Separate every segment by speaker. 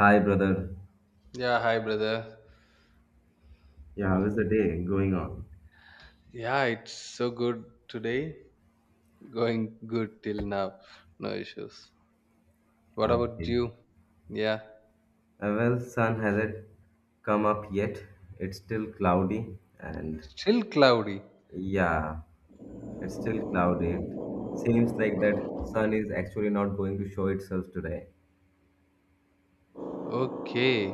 Speaker 1: Hi, brother.
Speaker 2: Yeah, hi brother.
Speaker 1: Yeah, how is the day going on?
Speaker 2: Yeah, it's so good today. Going good till now. No issues. What about
Speaker 1: Okay.
Speaker 2: you? Yeah.
Speaker 1: Well, sun hasn't come up yet. It's still cloudy, and
Speaker 2: Still cloudy.
Speaker 1: yeah, it's still cloudy. It seems like that sun is actually not going to show itself today.
Speaker 2: Okay.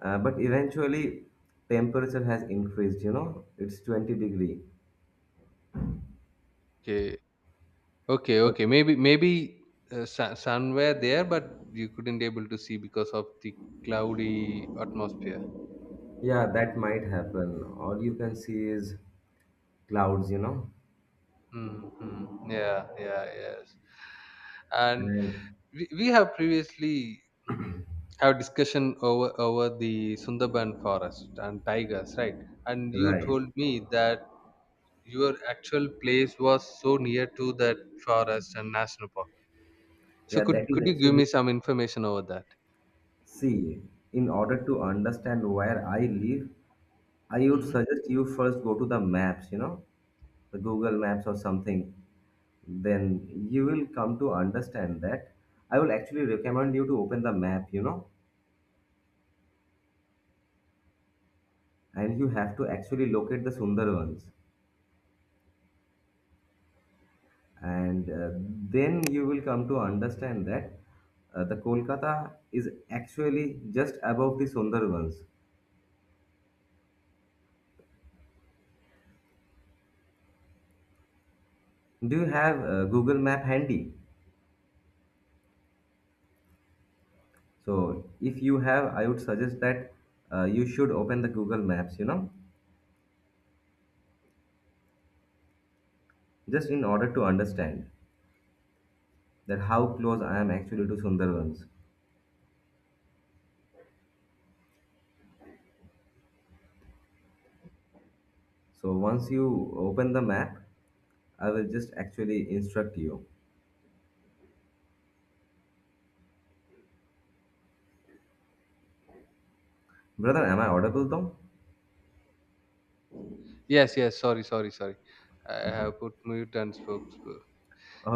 Speaker 1: But eventually, temperature has increased. You know, it's 20 degree.
Speaker 2: Okay. Okay,
Speaker 1: But
Speaker 2: okay. Maybe somewhere there but you couldn't able to see because of the cloudy atmosphere.
Speaker 1: yeah, that might happen. All you can see is clouds. You know,
Speaker 2: Mm-hmm. Yeah, yeah, yes. And
Speaker 1: and
Speaker 2: we have previously have discussion over the Sundarban forest and tigers, right? And you
Speaker 1: right.
Speaker 2: told me that your actual place was so near to that forest and national park. So
Speaker 1: Yeah, that
Speaker 2: could
Speaker 1: is
Speaker 2: could you give
Speaker 1: actually
Speaker 2: me some information over that?
Speaker 1: See, In order to understand where I live, I would
Speaker 2: Hmm.
Speaker 1: suggest you first go to the maps, the Google Maps or something. Then you will come to understand that. I will actually recommend you to open the map, and you have to actually locate the Sundarbans. And then you will come to understand that the Kolkata is actually just above the Sundarbans. Do you have Google Map handy? So if you have, I would suggest that you should open the Google Maps, just in order to understand that how close I am actually to Sundarbans. So once you open the map, I will just actually instruct you. Brother, am I audible though?
Speaker 2: Yes, yes. Sorry, sorry, sorry. I
Speaker 1: Okay.
Speaker 2: have put mute and spoke.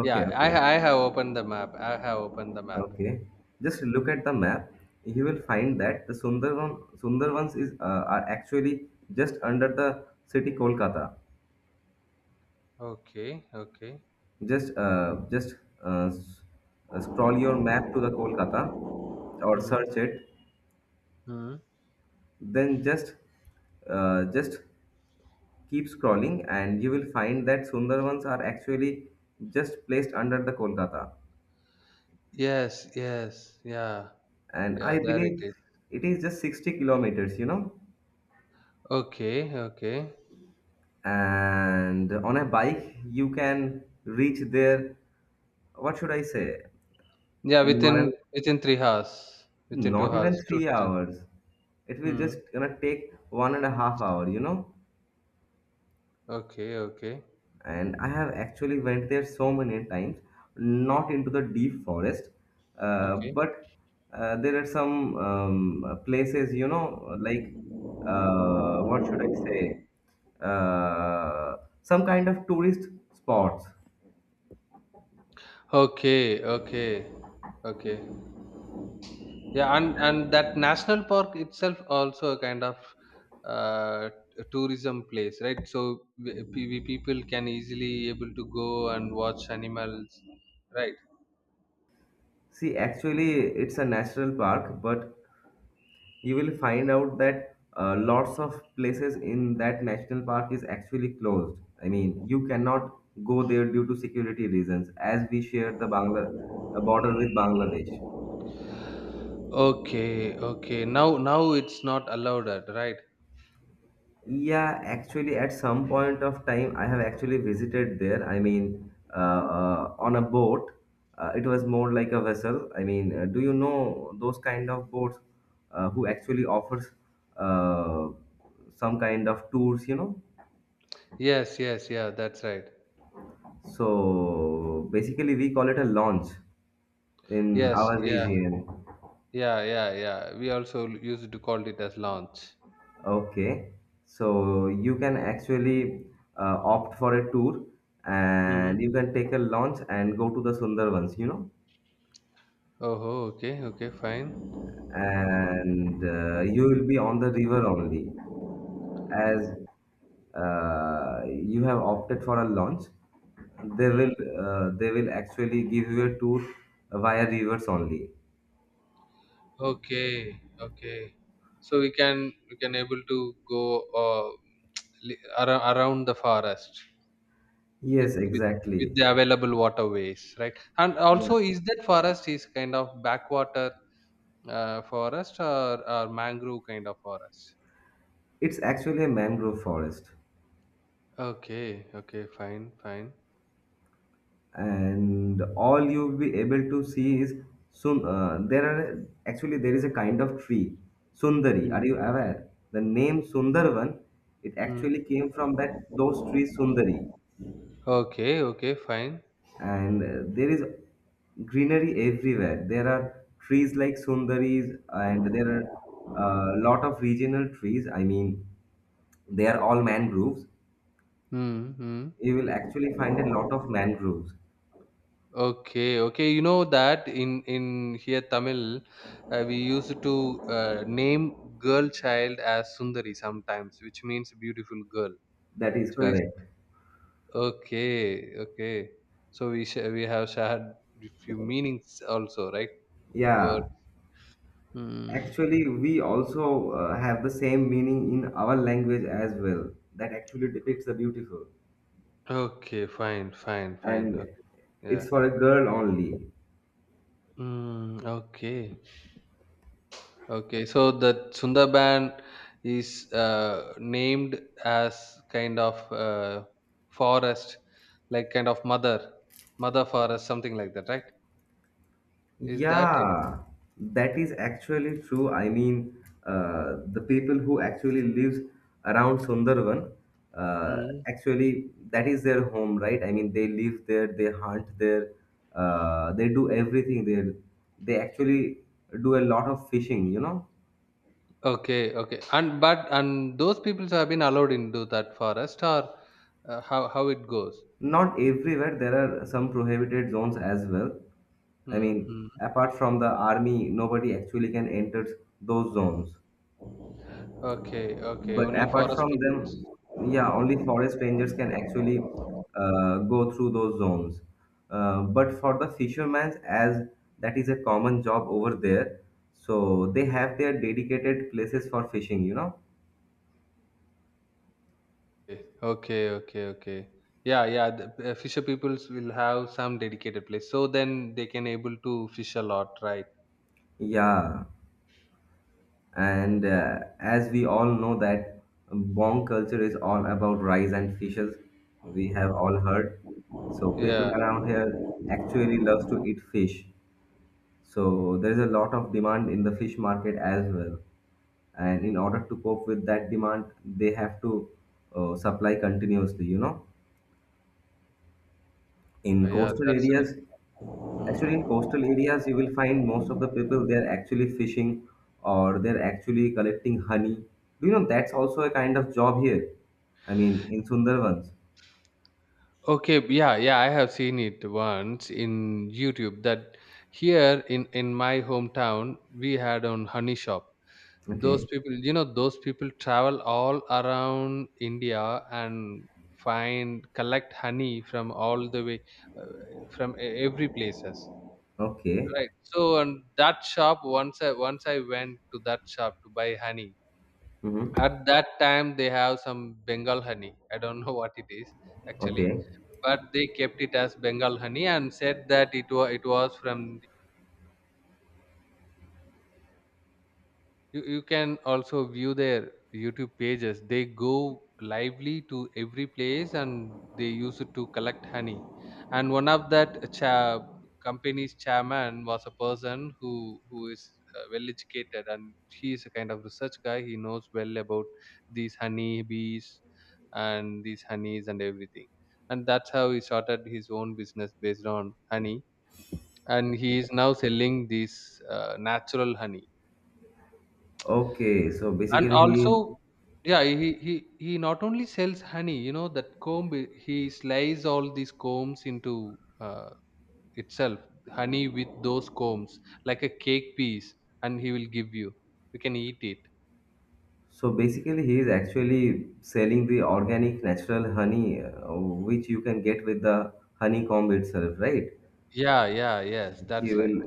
Speaker 2: Yeah, I
Speaker 1: okay,
Speaker 2: ha- I have opened the map. I have opened the map.
Speaker 1: okay. Just look at the map. You will find that the Sundarbans is are actually just under the city Kolkata.
Speaker 2: Okay, okay.
Speaker 1: Just uh, just uh, s- Scroll your map to the Kolkata or
Speaker 2: Hmm.
Speaker 1: search it.
Speaker 2: Hmm.
Speaker 1: Then just keep scrolling, and you will find that Sundarbans are actually just placed under the Kolkata.
Speaker 2: Yes, yes. Yeah,
Speaker 1: And
Speaker 2: yeah.
Speaker 1: I
Speaker 2: There it
Speaker 1: believe
Speaker 2: is.
Speaker 1: it is just 60 kilometers, you know.
Speaker 2: Okay, okay.
Speaker 1: And on a bike, you can reach there, what should I say,
Speaker 2: Yeah,
Speaker 1: in one
Speaker 2: within
Speaker 1: and
Speaker 2: within 3 hours. Within 2
Speaker 1: not
Speaker 2: hours,
Speaker 1: even
Speaker 2: 2 to
Speaker 1: three
Speaker 2: 3.
Speaker 1: hours. It will
Speaker 2: Hmm.
Speaker 1: just gonna take 1.5 hour, you know.
Speaker 2: Okay, okay.
Speaker 1: And I have actually went there so many times, not into the deep forest, uh,
Speaker 2: Okay.
Speaker 1: but uh, there are some places, you know, like what should I say some kind of tourist spots.
Speaker 2: Okay, okay. Okay. Yeah, and that national park itself also a kind of uh tourism place, right? So we people can easily able to go and watch animals, right?
Speaker 1: See, actually, it's a national park, but you will find out that lots of places in that national park is actually closed. I mean, you cannot go there due to security reasons, as we share the Bangla a border with Bangladesh.
Speaker 2: Okay, okay. Now it's not allowed, at, right?
Speaker 1: Yeah, actually, at some point of time, I have actually visited there. I mean, on a boat. It was more like a vessel. I mean, do you know those kind of boats who actually offers uh, some kind of tours? You know.
Speaker 2: Yes, yes, yeah, that's right.
Speaker 1: So basically, we call it a launch in
Speaker 2: Yes,
Speaker 1: our
Speaker 2: yeah.
Speaker 1: region.
Speaker 2: Yeah, yeah, yeah. We also used to call it as launch.
Speaker 1: Okay, so you can actually opt for a tour,
Speaker 2: Mm.
Speaker 1: and you can take a launch and go to the Sundarbans, you know,
Speaker 2: Oh, okay, okay, fine.
Speaker 1: and you will be on the river only, as you have opted for a launch. They will actually give you a tour via rivers only.
Speaker 2: Okay, okay. So we can able to go around the forest with
Speaker 1: Yes,
Speaker 2: with with
Speaker 1: exactly.
Speaker 2: the available waterways, right? And
Speaker 1: Yeah.
Speaker 2: also, is that forest is kind of backwater forest or mangrove kind of forest?
Speaker 1: It's actually a mangrove forest,
Speaker 2: Okay, okay, fine, fine.
Speaker 1: and all you'll be able to see is sun. There are actually there is a kind of tree, sundari.
Speaker 2: Mm.
Speaker 1: Are you aware? The name Sundarvan, it
Speaker 2: Mm.
Speaker 1: actually came from that those trees sundari,
Speaker 2: Okay, okay, fine.
Speaker 1: and there is greenery everywhere. There are trees like sundaris, and there are a lot of regional trees. I mean, they are all mangroves.
Speaker 2: Mm-hmm.
Speaker 1: You will actually find a lot of mangroves.
Speaker 2: Okay, okay. You know that in here Tamil, we used to name girl child as Sundari sometimes, which means beautiful girl.
Speaker 1: That is
Speaker 2: So it's
Speaker 1: correct.
Speaker 2: Okay, okay. So we have shared a few meanings also, right? Word.
Speaker 1: Yeah,
Speaker 2: Hmm.
Speaker 1: actually, we also have the same meaning in our language as well. That actually depicts the beautiful,
Speaker 2: Okay, fine, fine, fine.
Speaker 1: and
Speaker 2: Okay,
Speaker 1: it's
Speaker 2: yeah.
Speaker 1: for a girl only.
Speaker 2: Mm, okay. Okay, so the Sundarban is named as kind of forest, like kind of mother forest, something like that, right? Is that it?
Speaker 1: Yeah, that is actually true. I mean, the people who actually lives around Sundarban, uh,
Speaker 2: Mm.
Speaker 1: actually, that is their home, right? I mean, they live there, they hunt there, they do everything there. They actually do a lot of fishing, you know.
Speaker 2: Okay, okay. And those people have been allowed into that forest, or how it goes?
Speaker 1: Not everywhere. There are some prohibited zones as well. I mean,
Speaker 2: Mm-hmm.
Speaker 1: apart from the army, nobody actually can enter those zones.
Speaker 2: Okay, okay.
Speaker 1: But
Speaker 2: Only
Speaker 1: apart
Speaker 2: forest
Speaker 1: from them,
Speaker 2: people.
Speaker 1: yeah, only forest rangers can actually go through those zones. But for the fishermen, as that is a common job over there, so they have their dedicated places for fishing, you know?
Speaker 2: Okay, okay, okay. Yeah, yeah. The fisher peoples will have some dedicated place, so then they can able to fish a lot, right?
Speaker 1: Yeah. And as we all know that Bong culture is all about rice and fishes, we have all heard. So people
Speaker 2: Yeah,
Speaker 1: around here actually loves to eat fish. So there is a lot of demand in the fish market as well. And in order to cope with that demand, they have to supply continuously, you know. In
Speaker 2: yeah.
Speaker 1: coastal
Speaker 2: That's right.
Speaker 1: areas, Actually, in coastal areas, you will find most of the people they are actually fishing or they're actually collecting honey. Do you know that's also a kind of job here? I mean, in Sundarbans.
Speaker 2: Okay, yeah, yeah. I have seen it once in YouTube that here in my hometown we had on honey shop. Those
Speaker 1: Okay,
Speaker 2: people, you know, those people travel all around India and find collect honey from all the way from every places.
Speaker 1: okay,
Speaker 2: Right. So and that shop once I went to that shop to buy honey.
Speaker 1: mm-hmm.
Speaker 2: At that time they have some Bengal honey. I don't know what it is actually,
Speaker 1: Okay,
Speaker 2: but they kept it as Bengal honey and said that it was from you, you can also view their YouTube pages. They go lively to every place and they use it to collect honey, and one of that company's chairman was a person who is well educated, and he is a kind of research guy. He knows well about these honey bees and these honeys and everything, and that's how he started his own business based on honey, and he is now selling this natural honey.
Speaker 1: okay. So
Speaker 2: And
Speaker 1: basically, he
Speaker 2: also,
Speaker 1: is
Speaker 2: yeah, he not only sells honey, you know that comb, he slices all these combs into uh, itself, honey with those combs like a cake piece, and he will give You can eat it.
Speaker 1: so basically he is actually selling the organic natural honey, which you can get with the honeycomb itself, right?
Speaker 2: Yeah, yeah, yes,
Speaker 1: He
Speaker 2: that's right.
Speaker 1: will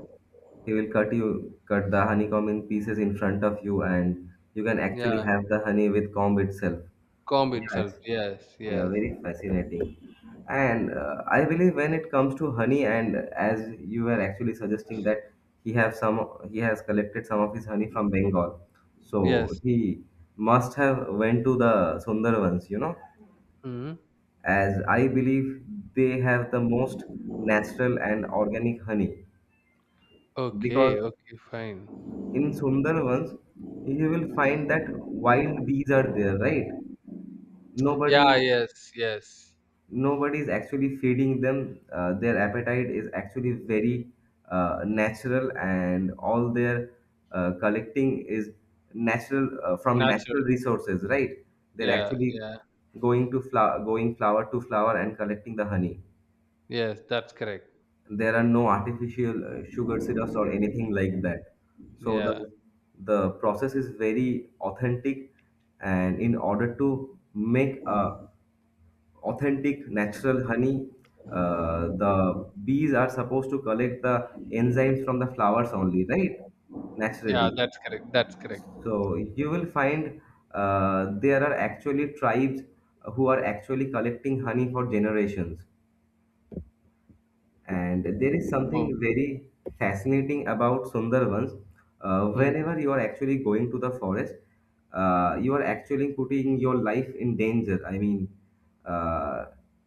Speaker 1: he will cut you cut the honeycomb in pieces in front of you, and you can
Speaker 2: Yeah,
Speaker 1: actually have the honey with comb itself.
Speaker 2: comb itself,
Speaker 1: Yes,
Speaker 2: yes,
Speaker 1: yeah,
Speaker 2: yes.
Speaker 1: very fascinating. And I believe when it comes to honey, and as you were actually suggesting that he has collected some of his honey from Bengal, so
Speaker 2: Yes.
Speaker 1: he must have went to the Sundarbans, you know,
Speaker 2: Hmm,
Speaker 1: as I believe they have the most natural and organic honey,
Speaker 2: okay,
Speaker 1: because
Speaker 2: okay, fine.
Speaker 1: in Sundarbans, you will find that wild bees are there, right?
Speaker 2: Yeah,
Speaker 1: Nobody,
Speaker 2: yes, yes.
Speaker 1: nobody is actually feeding them. Their appetite is actually very natural, and all their collecting is natural, from natural
Speaker 2: Natural.
Speaker 1: resources, right? They're
Speaker 2: Yeah,
Speaker 1: actually
Speaker 2: yeah,
Speaker 1: going flower to flower and collecting the honey.
Speaker 2: yes, that's correct.
Speaker 1: There are no artificial sugar syrups or anything like that, so
Speaker 2: Yeah,
Speaker 1: the process is very authentic. And in order to make a authentic natural honey, the bees are supposed to collect the enzymes from the flowers only, right?
Speaker 2: yeah,
Speaker 1: Naturally.
Speaker 2: that's correct, that's correct.
Speaker 1: So you will find there are actually tribes who are actually collecting honey for generations. And there is
Speaker 2: Oh.
Speaker 1: something very fascinating about Sundarbans.
Speaker 2: Hmm.
Speaker 1: Whenever you are actually going to the forest, you are actually putting your life in danger. I mean, uh,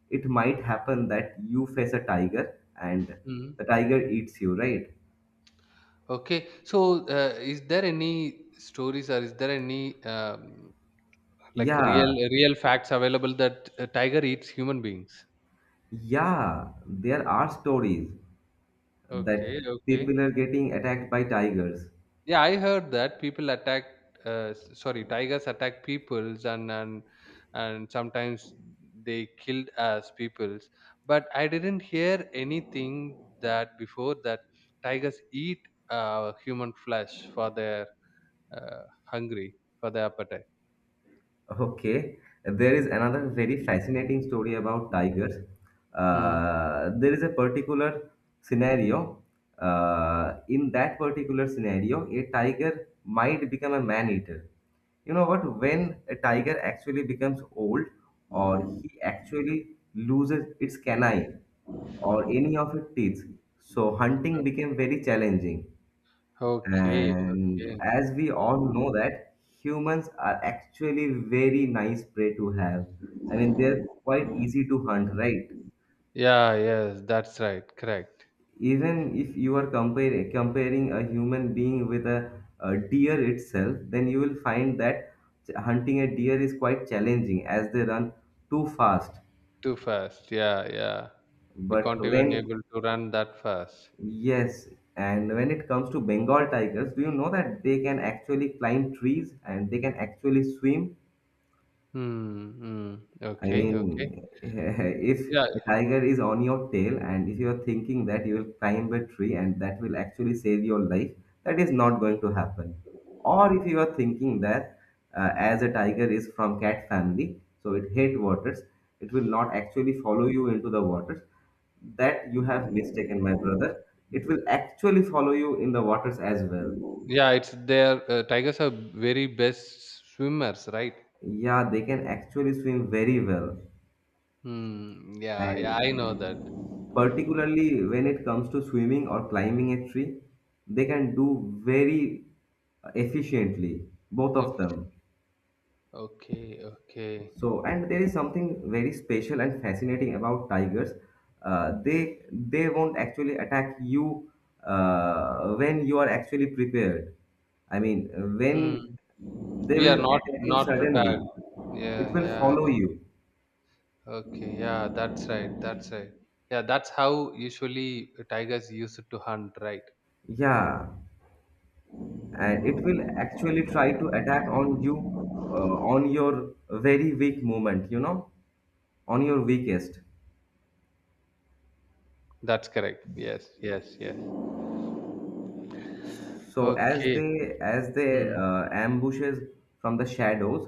Speaker 1: it might happen that you face a tiger and
Speaker 2: Mm.
Speaker 1: the tiger eats you, right?
Speaker 2: Okay. So, is there any stories or is there any like real
Speaker 1: Yeah,
Speaker 2: real facts available that a tiger eats human beings?
Speaker 1: yeah, there are stories
Speaker 2: Okay.
Speaker 1: that people
Speaker 2: Okay.
Speaker 1: are getting attacked by tigers.
Speaker 2: Yeah, I heard that people attack. Sorry, tigers attack peoples and sometimes they killed as peoples. But I didn't hear anything that before that tigers eat human flesh for their hungry for their appetite.
Speaker 1: Okay, there is another very fascinating story about tigers.
Speaker 2: Hmm.
Speaker 1: There is a particular scenario. In that particular scenario, a tiger might become a man eater. You know what? When a tiger actually becomes old, or he actually loses its canine or any of its teeth, so hunting became very challenging.
Speaker 2: Okay,
Speaker 1: And
Speaker 2: okay.
Speaker 1: as we all know that humans are actually very nice prey to have. I mean, they're quite easy to hunt, right?
Speaker 2: Yeah, yes, that's right. Correct.
Speaker 1: Even if you are comparing a human being with a deer itself, then you will find that hunting a deer is quite challenging as they run too fast.
Speaker 2: Too fast. Yeah, yeah. You
Speaker 1: But
Speaker 2: can't even
Speaker 1: when,
Speaker 2: able to run that fast.
Speaker 1: yes, and when it comes to Bengal tigers, do you know that they can actually climb trees and they can actually swim?
Speaker 2: Hmm. Hmm.
Speaker 1: I
Speaker 2: Okay, okay.
Speaker 1: mean, if
Speaker 2: Yeah,
Speaker 1: a tiger is on your tail and if you're thinking that you will climb a tree and that will actually save your life, that is not going to happen. Or if you are thinking that as a tiger is from cat family, so it hate waters, it will not actually follow you into the waters. That you have mistaken, my brother. It will actually follow you in the waters as well.
Speaker 2: yeah. It's their Tigers are very best swimmers, right?
Speaker 1: Yeah, they can actually swim very well.
Speaker 2: Hmm. Yeah, yeah.
Speaker 1: And
Speaker 2: I know that.
Speaker 1: particularly when it comes to swimming or climbing a tree, they can do very efficiently, both
Speaker 2: I
Speaker 1: of
Speaker 2: fish-
Speaker 1: them.
Speaker 2: Okay, okay.
Speaker 1: So, and there is something very special and fascinating about tigers. They won't actually attack you when you are actually prepared. I mean,
Speaker 2: Hmm.
Speaker 1: when they
Speaker 2: We
Speaker 1: will
Speaker 2: are not
Speaker 1: attack you
Speaker 2: not prepared.
Speaker 1: suddenly,
Speaker 2: Yeah,
Speaker 1: it will
Speaker 2: yeah,
Speaker 1: follow
Speaker 2: yeah.
Speaker 1: you.
Speaker 2: Okay, yeah. That's right. That's right. Yeah, that's how usually tigers used to hunt, right?
Speaker 1: Yeah. And it will actually try to attack on you, on your very weak moment, you know, on your weakest.
Speaker 2: That's correct. Yes, yes, yes.
Speaker 1: So as
Speaker 2: Okay.
Speaker 1: they as they
Speaker 2: Hmm.
Speaker 1: uh, ambushes from the shadows.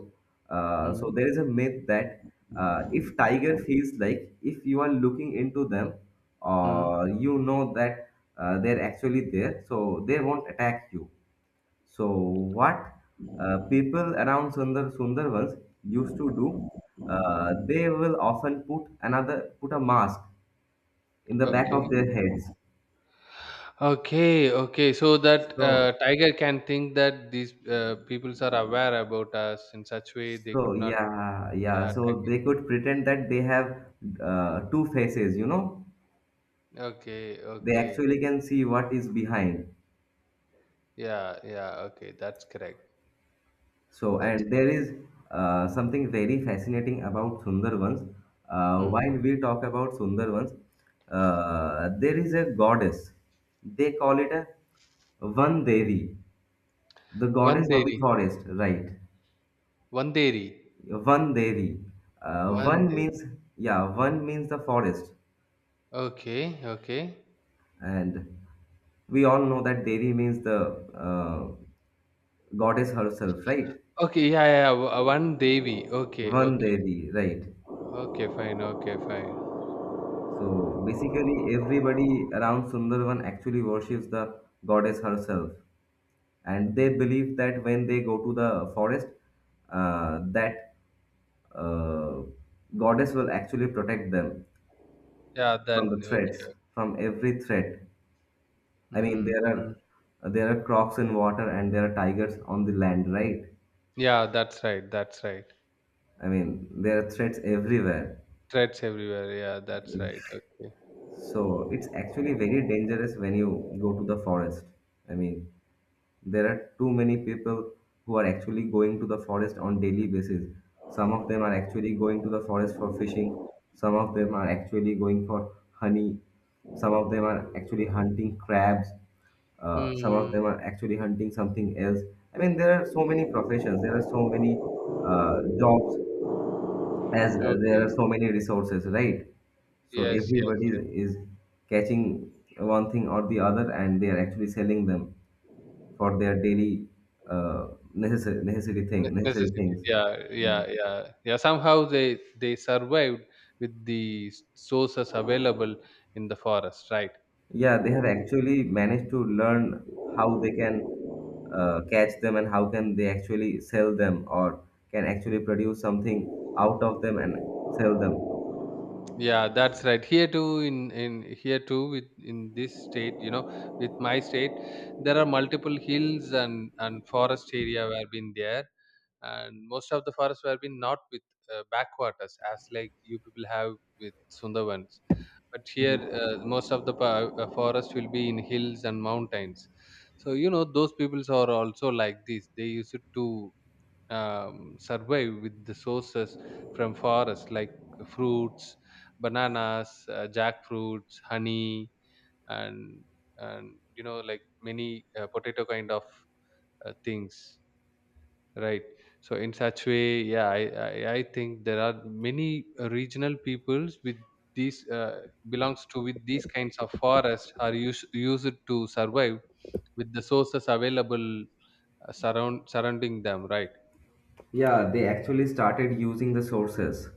Speaker 1: So
Speaker 2: Hmm.
Speaker 1: there is a myth that if tiger feels like if you are looking into them,
Speaker 2: Hmm.
Speaker 1: or you know that they're actually there, so they won't attack you. So what people around Sundarvans used to do, they will often put a mask in the back
Speaker 2: Okay.
Speaker 1: of their heads.
Speaker 2: Okay. Okay. So that
Speaker 1: So
Speaker 2: tiger can think that these peoples are aware about us in such way they
Speaker 1: so
Speaker 2: could not,
Speaker 1: yeah yeah
Speaker 2: yeah,
Speaker 1: so
Speaker 2: attack
Speaker 1: they could pretend that they have two faces. You know,
Speaker 2: it. Okay.
Speaker 1: they
Speaker 2: Okay.
Speaker 1: actually can see what is behind.
Speaker 2: Yeah. Yeah. Okay. That's correct.
Speaker 1: So,
Speaker 2: That's
Speaker 1: and there
Speaker 2: correct.
Speaker 1: is something very fascinating about Sundarvans.
Speaker 2: Hmm.
Speaker 1: While we talk about Sundarvans, there is a goddess. They call it a Van Devi, the
Speaker 2: One
Speaker 1: goddess of the
Speaker 2: dairy.
Speaker 1: forest, right?
Speaker 2: One dairy.
Speaker 1: Van Devi. Uh,
Speaker 2: One
Speaker 1: one
Speaker 2: day.
Speaker 1: means, yeah, one means the forest.
Speaker 2: Okay. Okay.
Speaker 1: And we all know that Devi means the goddess herself, right?
Speaker 2: Okay. Yeah. Yeah. Yeah. One Devi. Okay.
Speaker 1: One
Speaker 2: Okay.
Speaker 1: Devi, right.
Speaker 2: Okay. Fine. Okay. Fine.
Speaker 1: So basically, everybody around Sundarban actually worships the goddess herself, and they believe that when they go to the forest, that uh, goddess will actually protect them
Speaker 2: Yeah. That.
Speaker 1: from the
Speaker 2: Okay.
Speaker 1: threats, from every threat. I mean,
Speaker 2: Hmm.
Speaker 1: there
Speaker 2: Hmm.
Speaker 1: are there are crocs in water and there are tigers on the land, right?
Speaker 2: Yeah, that's right. That's right.
Speaker 1: I mean, there are threats everywhere.
Speaker 2: Threats everywhere. Yeah, that's right. Okay.
Speaker 1: So it's actually very dangerous when you go to the forest. I mean, there are too many people who are actually going to the forest on daily basis. Some of them are actually going to the forest for fishing. Some of them are actually going for honey. Some of them are actually hunting crabs. Some
Speaker 2: Hmm.
Speaker 1: of them are actually hunting something else. I mean, there are so many professions. There are so many jobs as there are
Speaker 2: Okay.
Speaker 1: so many resources, right? So
Speaker 2: Yes. Yes.
Speaker 1: everybody is,
Speaker 2: Yes.
Speaker 1: is catching one thing or the other, and they are actually selling them for their daily uh, necessary
Speaker 2: Necessities.
Speaker 1: things.
Speaker 2: Yeah.
Speaker 1: Yeah,
Speaker 2: Yeah. Yeah. Yeah. Somehow they survived with the sources available in the forest. Right.
Speaker 1: yeah, they have actually managed to learn how they can catch them and how can they actually sell them or can actually produce something out of them and sell them.
Speaker 2: Yeah, that's right. Here too, in here too, with in this state, you know, with my state, there are multiple hills and forest area where been there, and most of the forests were been not with backwaters as like you people have with Sundarbans. But here,
Speaker 1: Mhm.
Speaker 2: most of the forest will be in hills and mountains. So, you know, those peoples are also like this. They used to, survive with the sources from forests, like fruits, bananas, jackfruits, honey, and and you know, like, many potato kind of things, right? So in such way, yeah, I think there are many regional peoples with these belongs to with these kinds of forests are used to survive with the sources available surrounding them, right?
Speaker 1: Yeah, they actually started using the sources.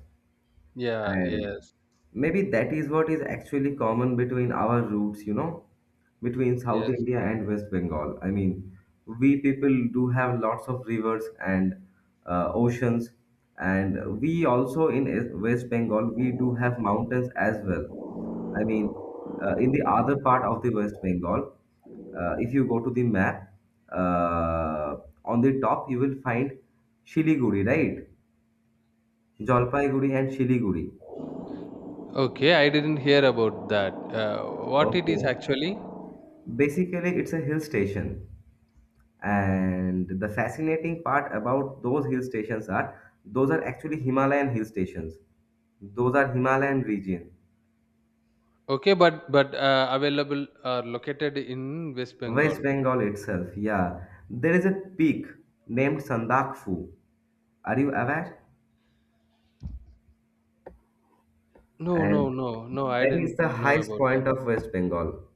Speaker 2: Yeah.
Speaker 1: And
Speaker 2: Yes.
Speaker 1: maybe that is what is actually common between our roots, you know, between South
Speaker 2: Yes.
Speaker 1: India and West Bengal. I mean, we people do have lots of rivers and oceans, and we also in West Bengal we do have mountains as well. I mean, in the other part of the West Bengal, if you go to the map, uh, on the top you will find Shiliguri, right? Jalpaiguri and Shiliguri.
Speaker 2: Okay, I didn't hear about that. What it is
Speaker 1: Okay,
Speaker 2: actually?
Speaker 1: basically, it's a hill station, and the fascinating part about those hill stations are those are actually Himalayan hill stations. Those are Himalayan region,
Speaker 2: Okay, but available are located in West Bengal.
Speaker 1: West Bengal itself. Yeah, there is a peak named Sandakfu. Are you aware?
Speaker 2: No, no,
Speaker 1: And
Speaker 2: no, no. I
Speaker 1: that is
Speaker 2: didn't
Speaker 1: the
Speaker 2: know
Speaker 1: highest
Speaker 2: about that.
Speaker 1: point of West Bengal.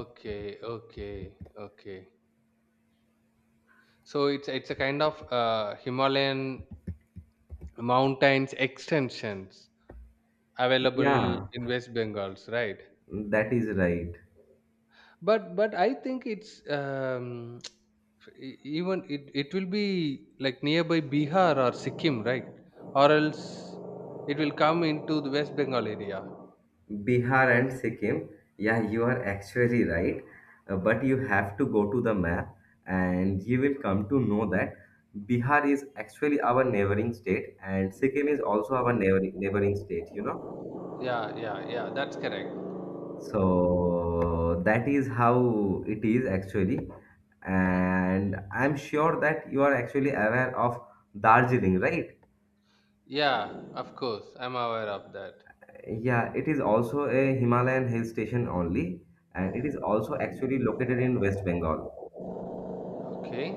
Speaker 2: Okay, okay, okay. So it's a kind of Himalayan mountains extensions available
Speaker 1: Yeah,
Speaker 2: in West Bengals, right?
Speaker 1: that is right.
Speaker 2: But I think it's um, even it will be like nearby Bihar or Sikkim, right? Or else it will come into the West Bengal area.
Speaker 1: Bihar and Sikkim. Yeah, you are actually right. But you have to go to the map and you will come to know that Bihar is actually our neighboring state and Sikkim is also our neighboring state, you know.
Speaker 2: Yeah, yeah, yeah, that's correct.
Speaker 1: So that is how it is actually. And I'm sure that you are actually aware of Darjeeling, right?
Speaker 2: Yeah, of course I'm aware of that.
Speaker 1: Yeah, it is also a Himalayan hill station only, and it is also actually located in West Bengal.
Speaker 2: Okay,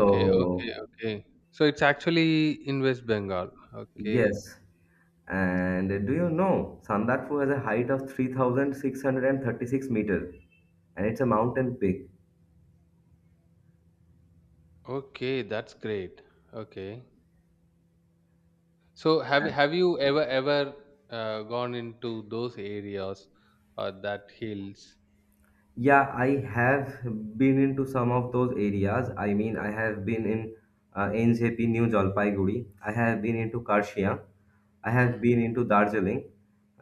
Speaker 2: okay, okay. Okay, so it's actually in West Bengal. Okay.
Speaker 1: yes. And do you know Sandarfu has a height of 3,636 meter and it's a mountain peak?
Speaker 2: Okay, that's great. Okay. So have you ever gone into those areas or that hills?
Speaker 1: Yeah, I have been into some of those areas. I mean, I have been in NJP, New Jalpaiguri. I have been into Karshia. I
Speaker 2: Hmm.
Speaker 1: have been into Darjeeling,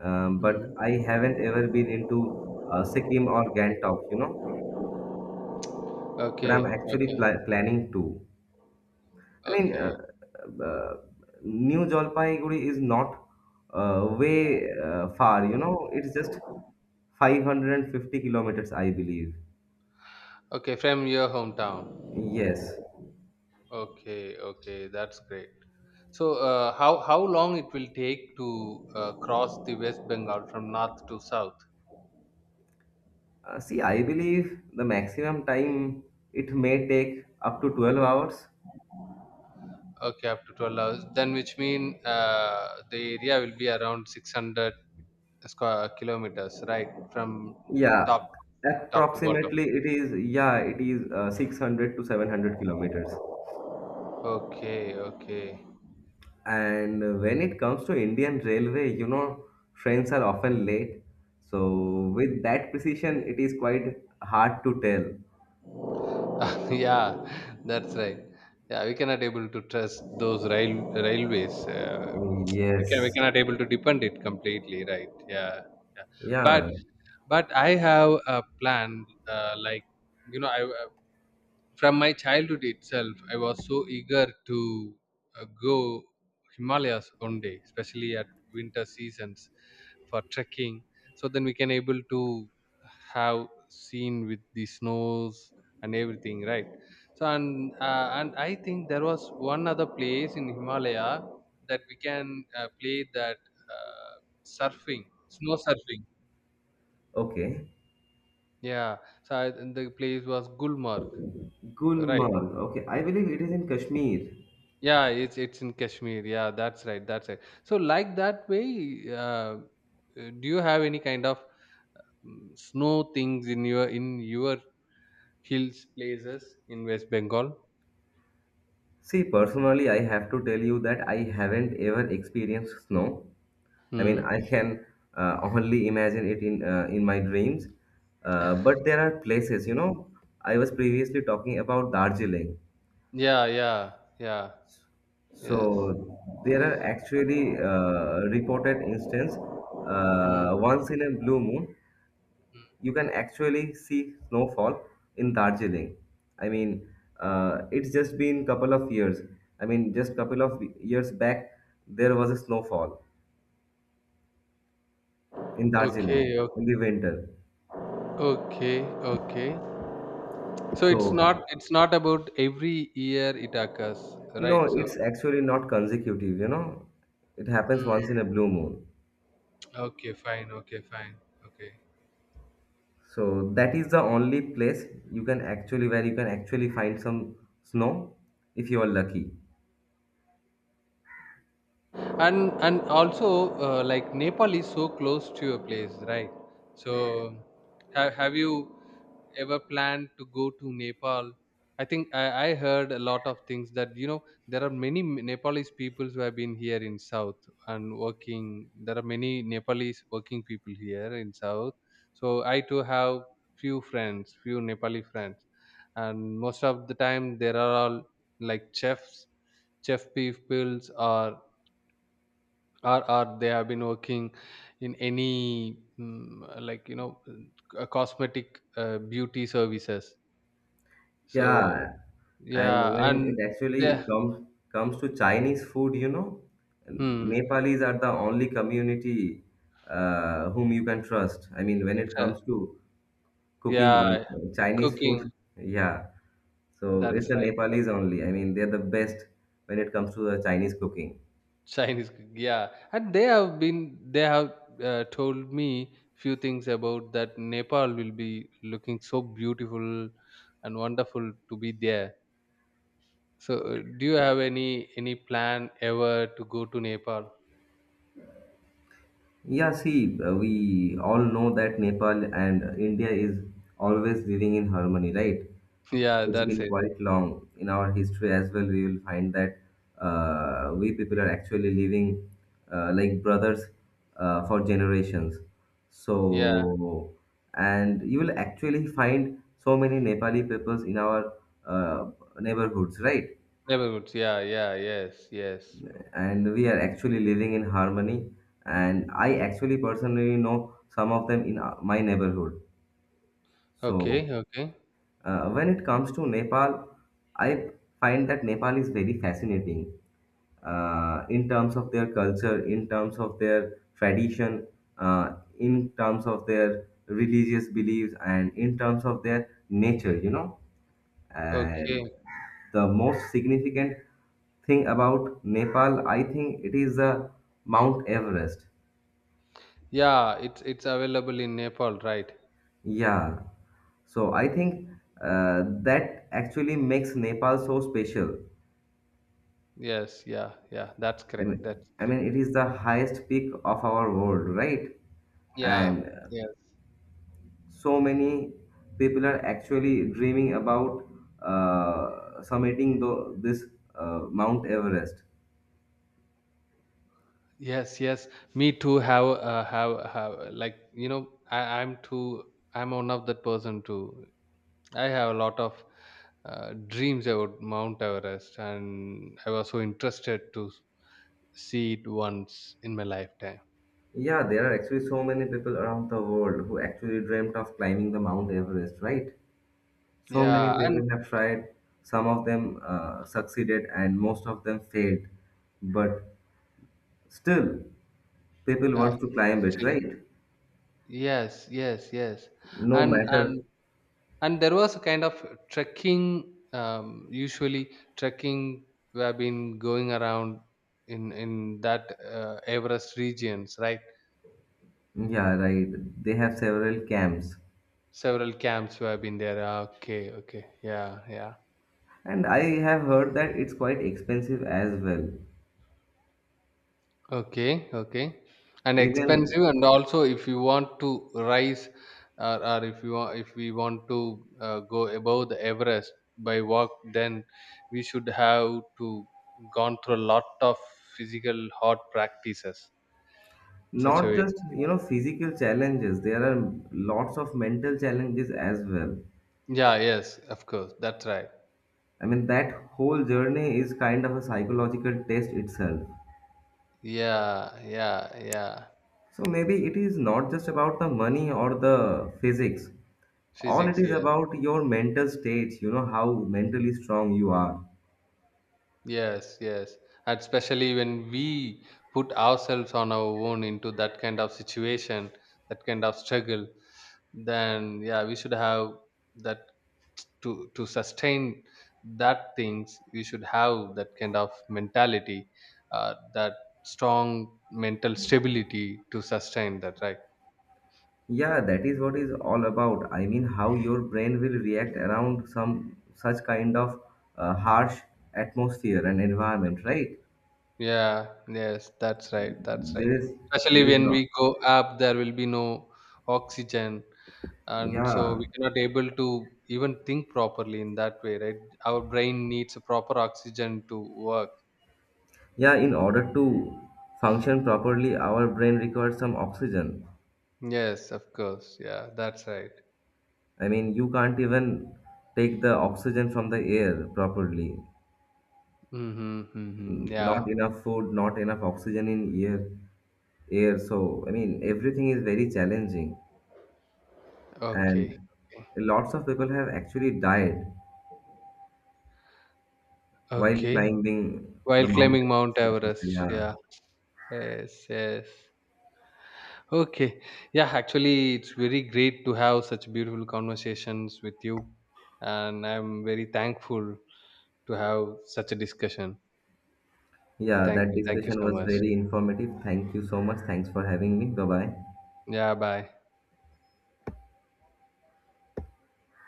Speaker 1: but I
Speaker 2: Hmm.
Speaker 1: haven't ever been into Sikkim or Gangtok, you know. But
Speaker 2: Okay,
Speaker 1: I'm actually
Speaker 2: okay,
Speaker 1: planning to. I mean,
Speaker 2: okay,
Speaker 1: uh, uh, New Jalpaiguri is not way far, you know, it's just 550 kilometers, I believe.
Speaker 2: okay. From your hometown.
Speaker 1: Yes.
Speaker 2: Okay, okay, that's great. So, how long it will take to cross the West Bengal from north to south?
Speaker 1: See, I believe the maximum time it may take up to 12 hours.
Speaker 2: Okay, up to 12 hours. Then, which mean the area will be around 600 square kilometers, right? From
Speaker 1: Yeah,
Speaker 2: top top to bottom.
Speaker 1: approximately it is, yeah, it is 600 to 700 kilometers.
Speaker 2: Okay, okay.
Speaker 1: And when it comes to Indian Railway, you know, trains are often late. So with that precision, it is quite hard to tell.
Speaker 2: Yeah, that's right. Yeah, we cannot able to trust those railways. We can we
Speaker 1: Yes.
Speaker 2: cannot able to depend it completely, right? Yeah, yeah. But
Speaker 1: Yeah.
Speaker 2: but I have a plan. Like, I from my childhood itself, I was so eager to go Himalayas one day, especially at winter seasons for trekking. So then we can able to have seen with the snows and everything, right? So and I think there was one other place in Himalaya that we can play that uh, surfing, snow surfing.
Speaker 1: Okay.
Speaker 2: Yeah. So the place was Gulmarg, right?
Speaker 1: Gulmarg. Okay, I believe it is in Kashmir.
Speaker 2: Yeah, it's in Kashmir. Yeah, that's right. That's right. So, like that way, do you have any kind of snow things in your hills places in West Bengal?
Speaker 1: See, personally, I have to tell you that I haven't ever experienced snow. I mean,
Speaker 2: Hmm.
Speaker 1: I can only imagine it in my dreams. But there are places, you know. I was previously talking about Darjeeling.
Speaker 2: Yeah, yeah, yeah.
Speaker 1: So
Speaker 2: Yes.
Speaker 1: there are actually reported instance.
Speaker 2: Hmm.
Speaker 1: Once in a blue moon, you can actually see snowfall in Darjeeling. I mean, it's just been couple of years. I mean, just couple of years back, there was a snowfall in
Speaker 2: Okay,
Speaker 1: Darjeeling in the winter.
Speaker 2: okay, okay. So it's
Speaker 1: So uh,
Speaker 2: not it's not about every year it occurs, right?
Speaker 1: no,
Speaker 2: So.
Speaker 1: it's actually not consecutive. You know, it happens once
Speaker 2: Hmm.
Speaker 1: in a blue moon.
Speaker 2: Okay, fine. Okay, fine. Okay.
Speaker 1: So that is the only place you can actually where you can actually find some snow if you are lucky.
Speaker 2: and also, like, Nepal is so close to your place, right? So have you ever planned to go to Nepal? I think I heard a lot of things that, there are many Nepalese peoples who have been here in south and working. There are many Nepalese working people here in south. So I too have few friends, few Nepali friends. And most of the time there are all like chef peoples, or or they have been working in any like, cosmetic beauty services. So,
Speaker 1: Yeah, and
Speaker 2: yeah.
Speaker 1: when it
Speaker 2: And yeah.
Speaker 1: actually comes to Chinese food, you know,
Speaker 2: Hmm,
Speaker 1: Nepalis are the only community whom you can trust. I mean, when it
Speaker 2: sure.
Speaker 1: comes to cooking
Speaker 2: Yeah,
Speaker 1: Chinese
Speaker 2: cooking.
Speaker 1: food, yeah. So
Speaker 2: That's
Speaker 1: it's the
Speaker 2: right, that-
Speaker 1: Nepalis only. I mean, they're the best when it comes to the Chinese cooking.
Speaker 2: Yeah, and they have told me few things about that Nepal will be looking so beautiful and wonderful to be there. So do you have any plan ever to go to Nepal?
Speaker 1: Yeah, see, we all know that Nepal and India is always living in harmony, right?
Speaker 2: Yeah,
Speaker 1: It's
Speaker 2: that's
Speaker 1: been
Speaker 2: it.
Speaker 1: quite long in our history as well. We will find that we people are actually living like brothers for generations.
Speaker 2: Yeah,
Speaker 1: So, and you will actually find so many Nepali peoples in our uh, neighborhoods, right?
Speaker 2: neighborhoods. Yeah, yeah, yes, yes.
Speaker 1: And we are actually living in harmony. And I actually personally know some of them in my neighborhood.
Speaker 2: Okay,
Speaker 1: So
Speaker 2: okay,
Speaker 1: when it comes to Nepal, I find that Nepal is very fascinating in terms of their culture, in terms of their tradition, in terms of their religious beliefs, and in terms of their nature, you know, and
Speaker 2: okay.
Speaker 1: the most significant thing about Nepal, I think it is the Mount Everest.
Speaker 2: Yeah, it's available in Nepal, right?
Speaker 1: Yeah. So I think that actually makes Nepal so special.
Speaker 2: Yes, yeah, yeah. That's
Speaker 1: I
Speaker 2: correct.
Speaker 1: mean,
Speaker 2: That's
Speaker 1: I
Speaker 2: correct.
Speaker 1: mean, it is the highest peak of our world, right?
Speaker 2: Yeah,
Speaker 1: And
Speaker 2: yes,
Speaker 1: so many people are actually dreaming about summiting this Mount Everest.
Speaker 2: yes, yes. Me too. Have like, I'm too. I'm one of that person too. I have a lot of dreams about Mount Everest, and I was so interested to see it once in my lifetime.
Speaker 1: Yeah, there are actually so many people around the world who actually dreamt of climbing the Mount Everest, right? So many
Speaker 2: Yeah, and.
Speaker 1: people have tried, some of them succeeded, and most of them failed. But still, people
Speaker 2: Yeah,
Speaker 1: want to climb it,
Speaker 2: still.
Speaker 1: right?
Speaker 2: Yes, yes, yes.
Speaker 1: No
Speaker 2: And
Speaker 1: matter,
Speaker 2: and and there was a kind of trekking. Usually, trekking we have been going around in that Everest regions, right?
Speaker 1: yeah, right. They have several camps.
Speaker 2: Several camps we have been there. Ah, okay, okay, yeah, yeah.
Speaker 1: And I have heard that it's quite expensive as well.
Speaker 2: Okay, okay. And
Speaker 1: Even
Speaker 2: expensive and also, if you want to rise, or if you want, if we want to go above the Everest by walk, then we should have to gone through a lot of physical hard practices in such a
Speaker 1: not
Speaker 2: way.
Speaker 1: just, you know, physical challenges, there are lots of mental challenges as well.
Speaker 2: Yeah, yes, of course. That's right.
Speaker 1: I mean, that whole journey is kind of a psychological test itself.
Speaker 2: Yeah, yeah, yeah.
Speaker 1: So maybe it is not just about the money or the physics. All it
Speaker 2: Physics,
Speaker 1: is
Speaker 2: yeah.
Speaker 1: about your mental state, you know, how mentally strong you are.
Speaker 2: Yes, yes. And especially when we put ourselves on our own into that kind of situation, that kind of struggle, then yeah, we should have that to sustain that things. We should have that kind of mentality, that strong mental stability to sustain that, right?
Speaker 1: Yeah, that is what is all about. I mean, how your brain will react around some such kind of harsh atmosphere and environment, right?
Speaker 2: Yeah, yes, that's right, that's right.
Speaker 1: There is,
Speaker 2: Especially
Speaker 1: there is
Speaker 2: when
Speaker 1: not.
Speaker 2: we go up, there will be no oxygen, and so
Speaker 1: Yeah.
Speaker 2: we cannot able to even think properly in that way, right? Our brain needs a proper oxygen to work.
Speaker 1: Yeah, in order to function properly, our brain requires some oxygen.
Speaker 2: Yes, of course, yeah, that's right.
Speaker 1: I mean, you can't even take the oxygen from the air properly.
Speaker 2: Mhm, mhm. Yeah.
Speaker 1: Not enough food, not enough oxygen in air. Air. So I mean, everything is very challenging, and
Speaker 2: Okay. Okay.
Speaker 1: lots of people have actually died while
Speaker 2: Okay.
Speaker 1: climbing
Speaker 2: While
Speaker 1: the
Speaker 2: climbing
Speaker 1: mountain.
Speaker 2: Mount Everest.
Speaker 1: Yeah,
Speaker 2: Yeah. Yes. Yes. Okay. Yeah. Actually, it's very great to have such beautiful conversations with you, and I'm very thankful to have such a discussion.
Speaker 1: yeah.
Speaker 2: Thank
Speaker 1: That
Speaker 2: you. Thank you
Speaker 1: discussion
Speaker 2: so
Speaker 1: was
Speaker 2: much.
Speaker 1: very informative. Thank you so much. Thanks for having me. Bye bye.
Speaker 2: Yeah. Bye.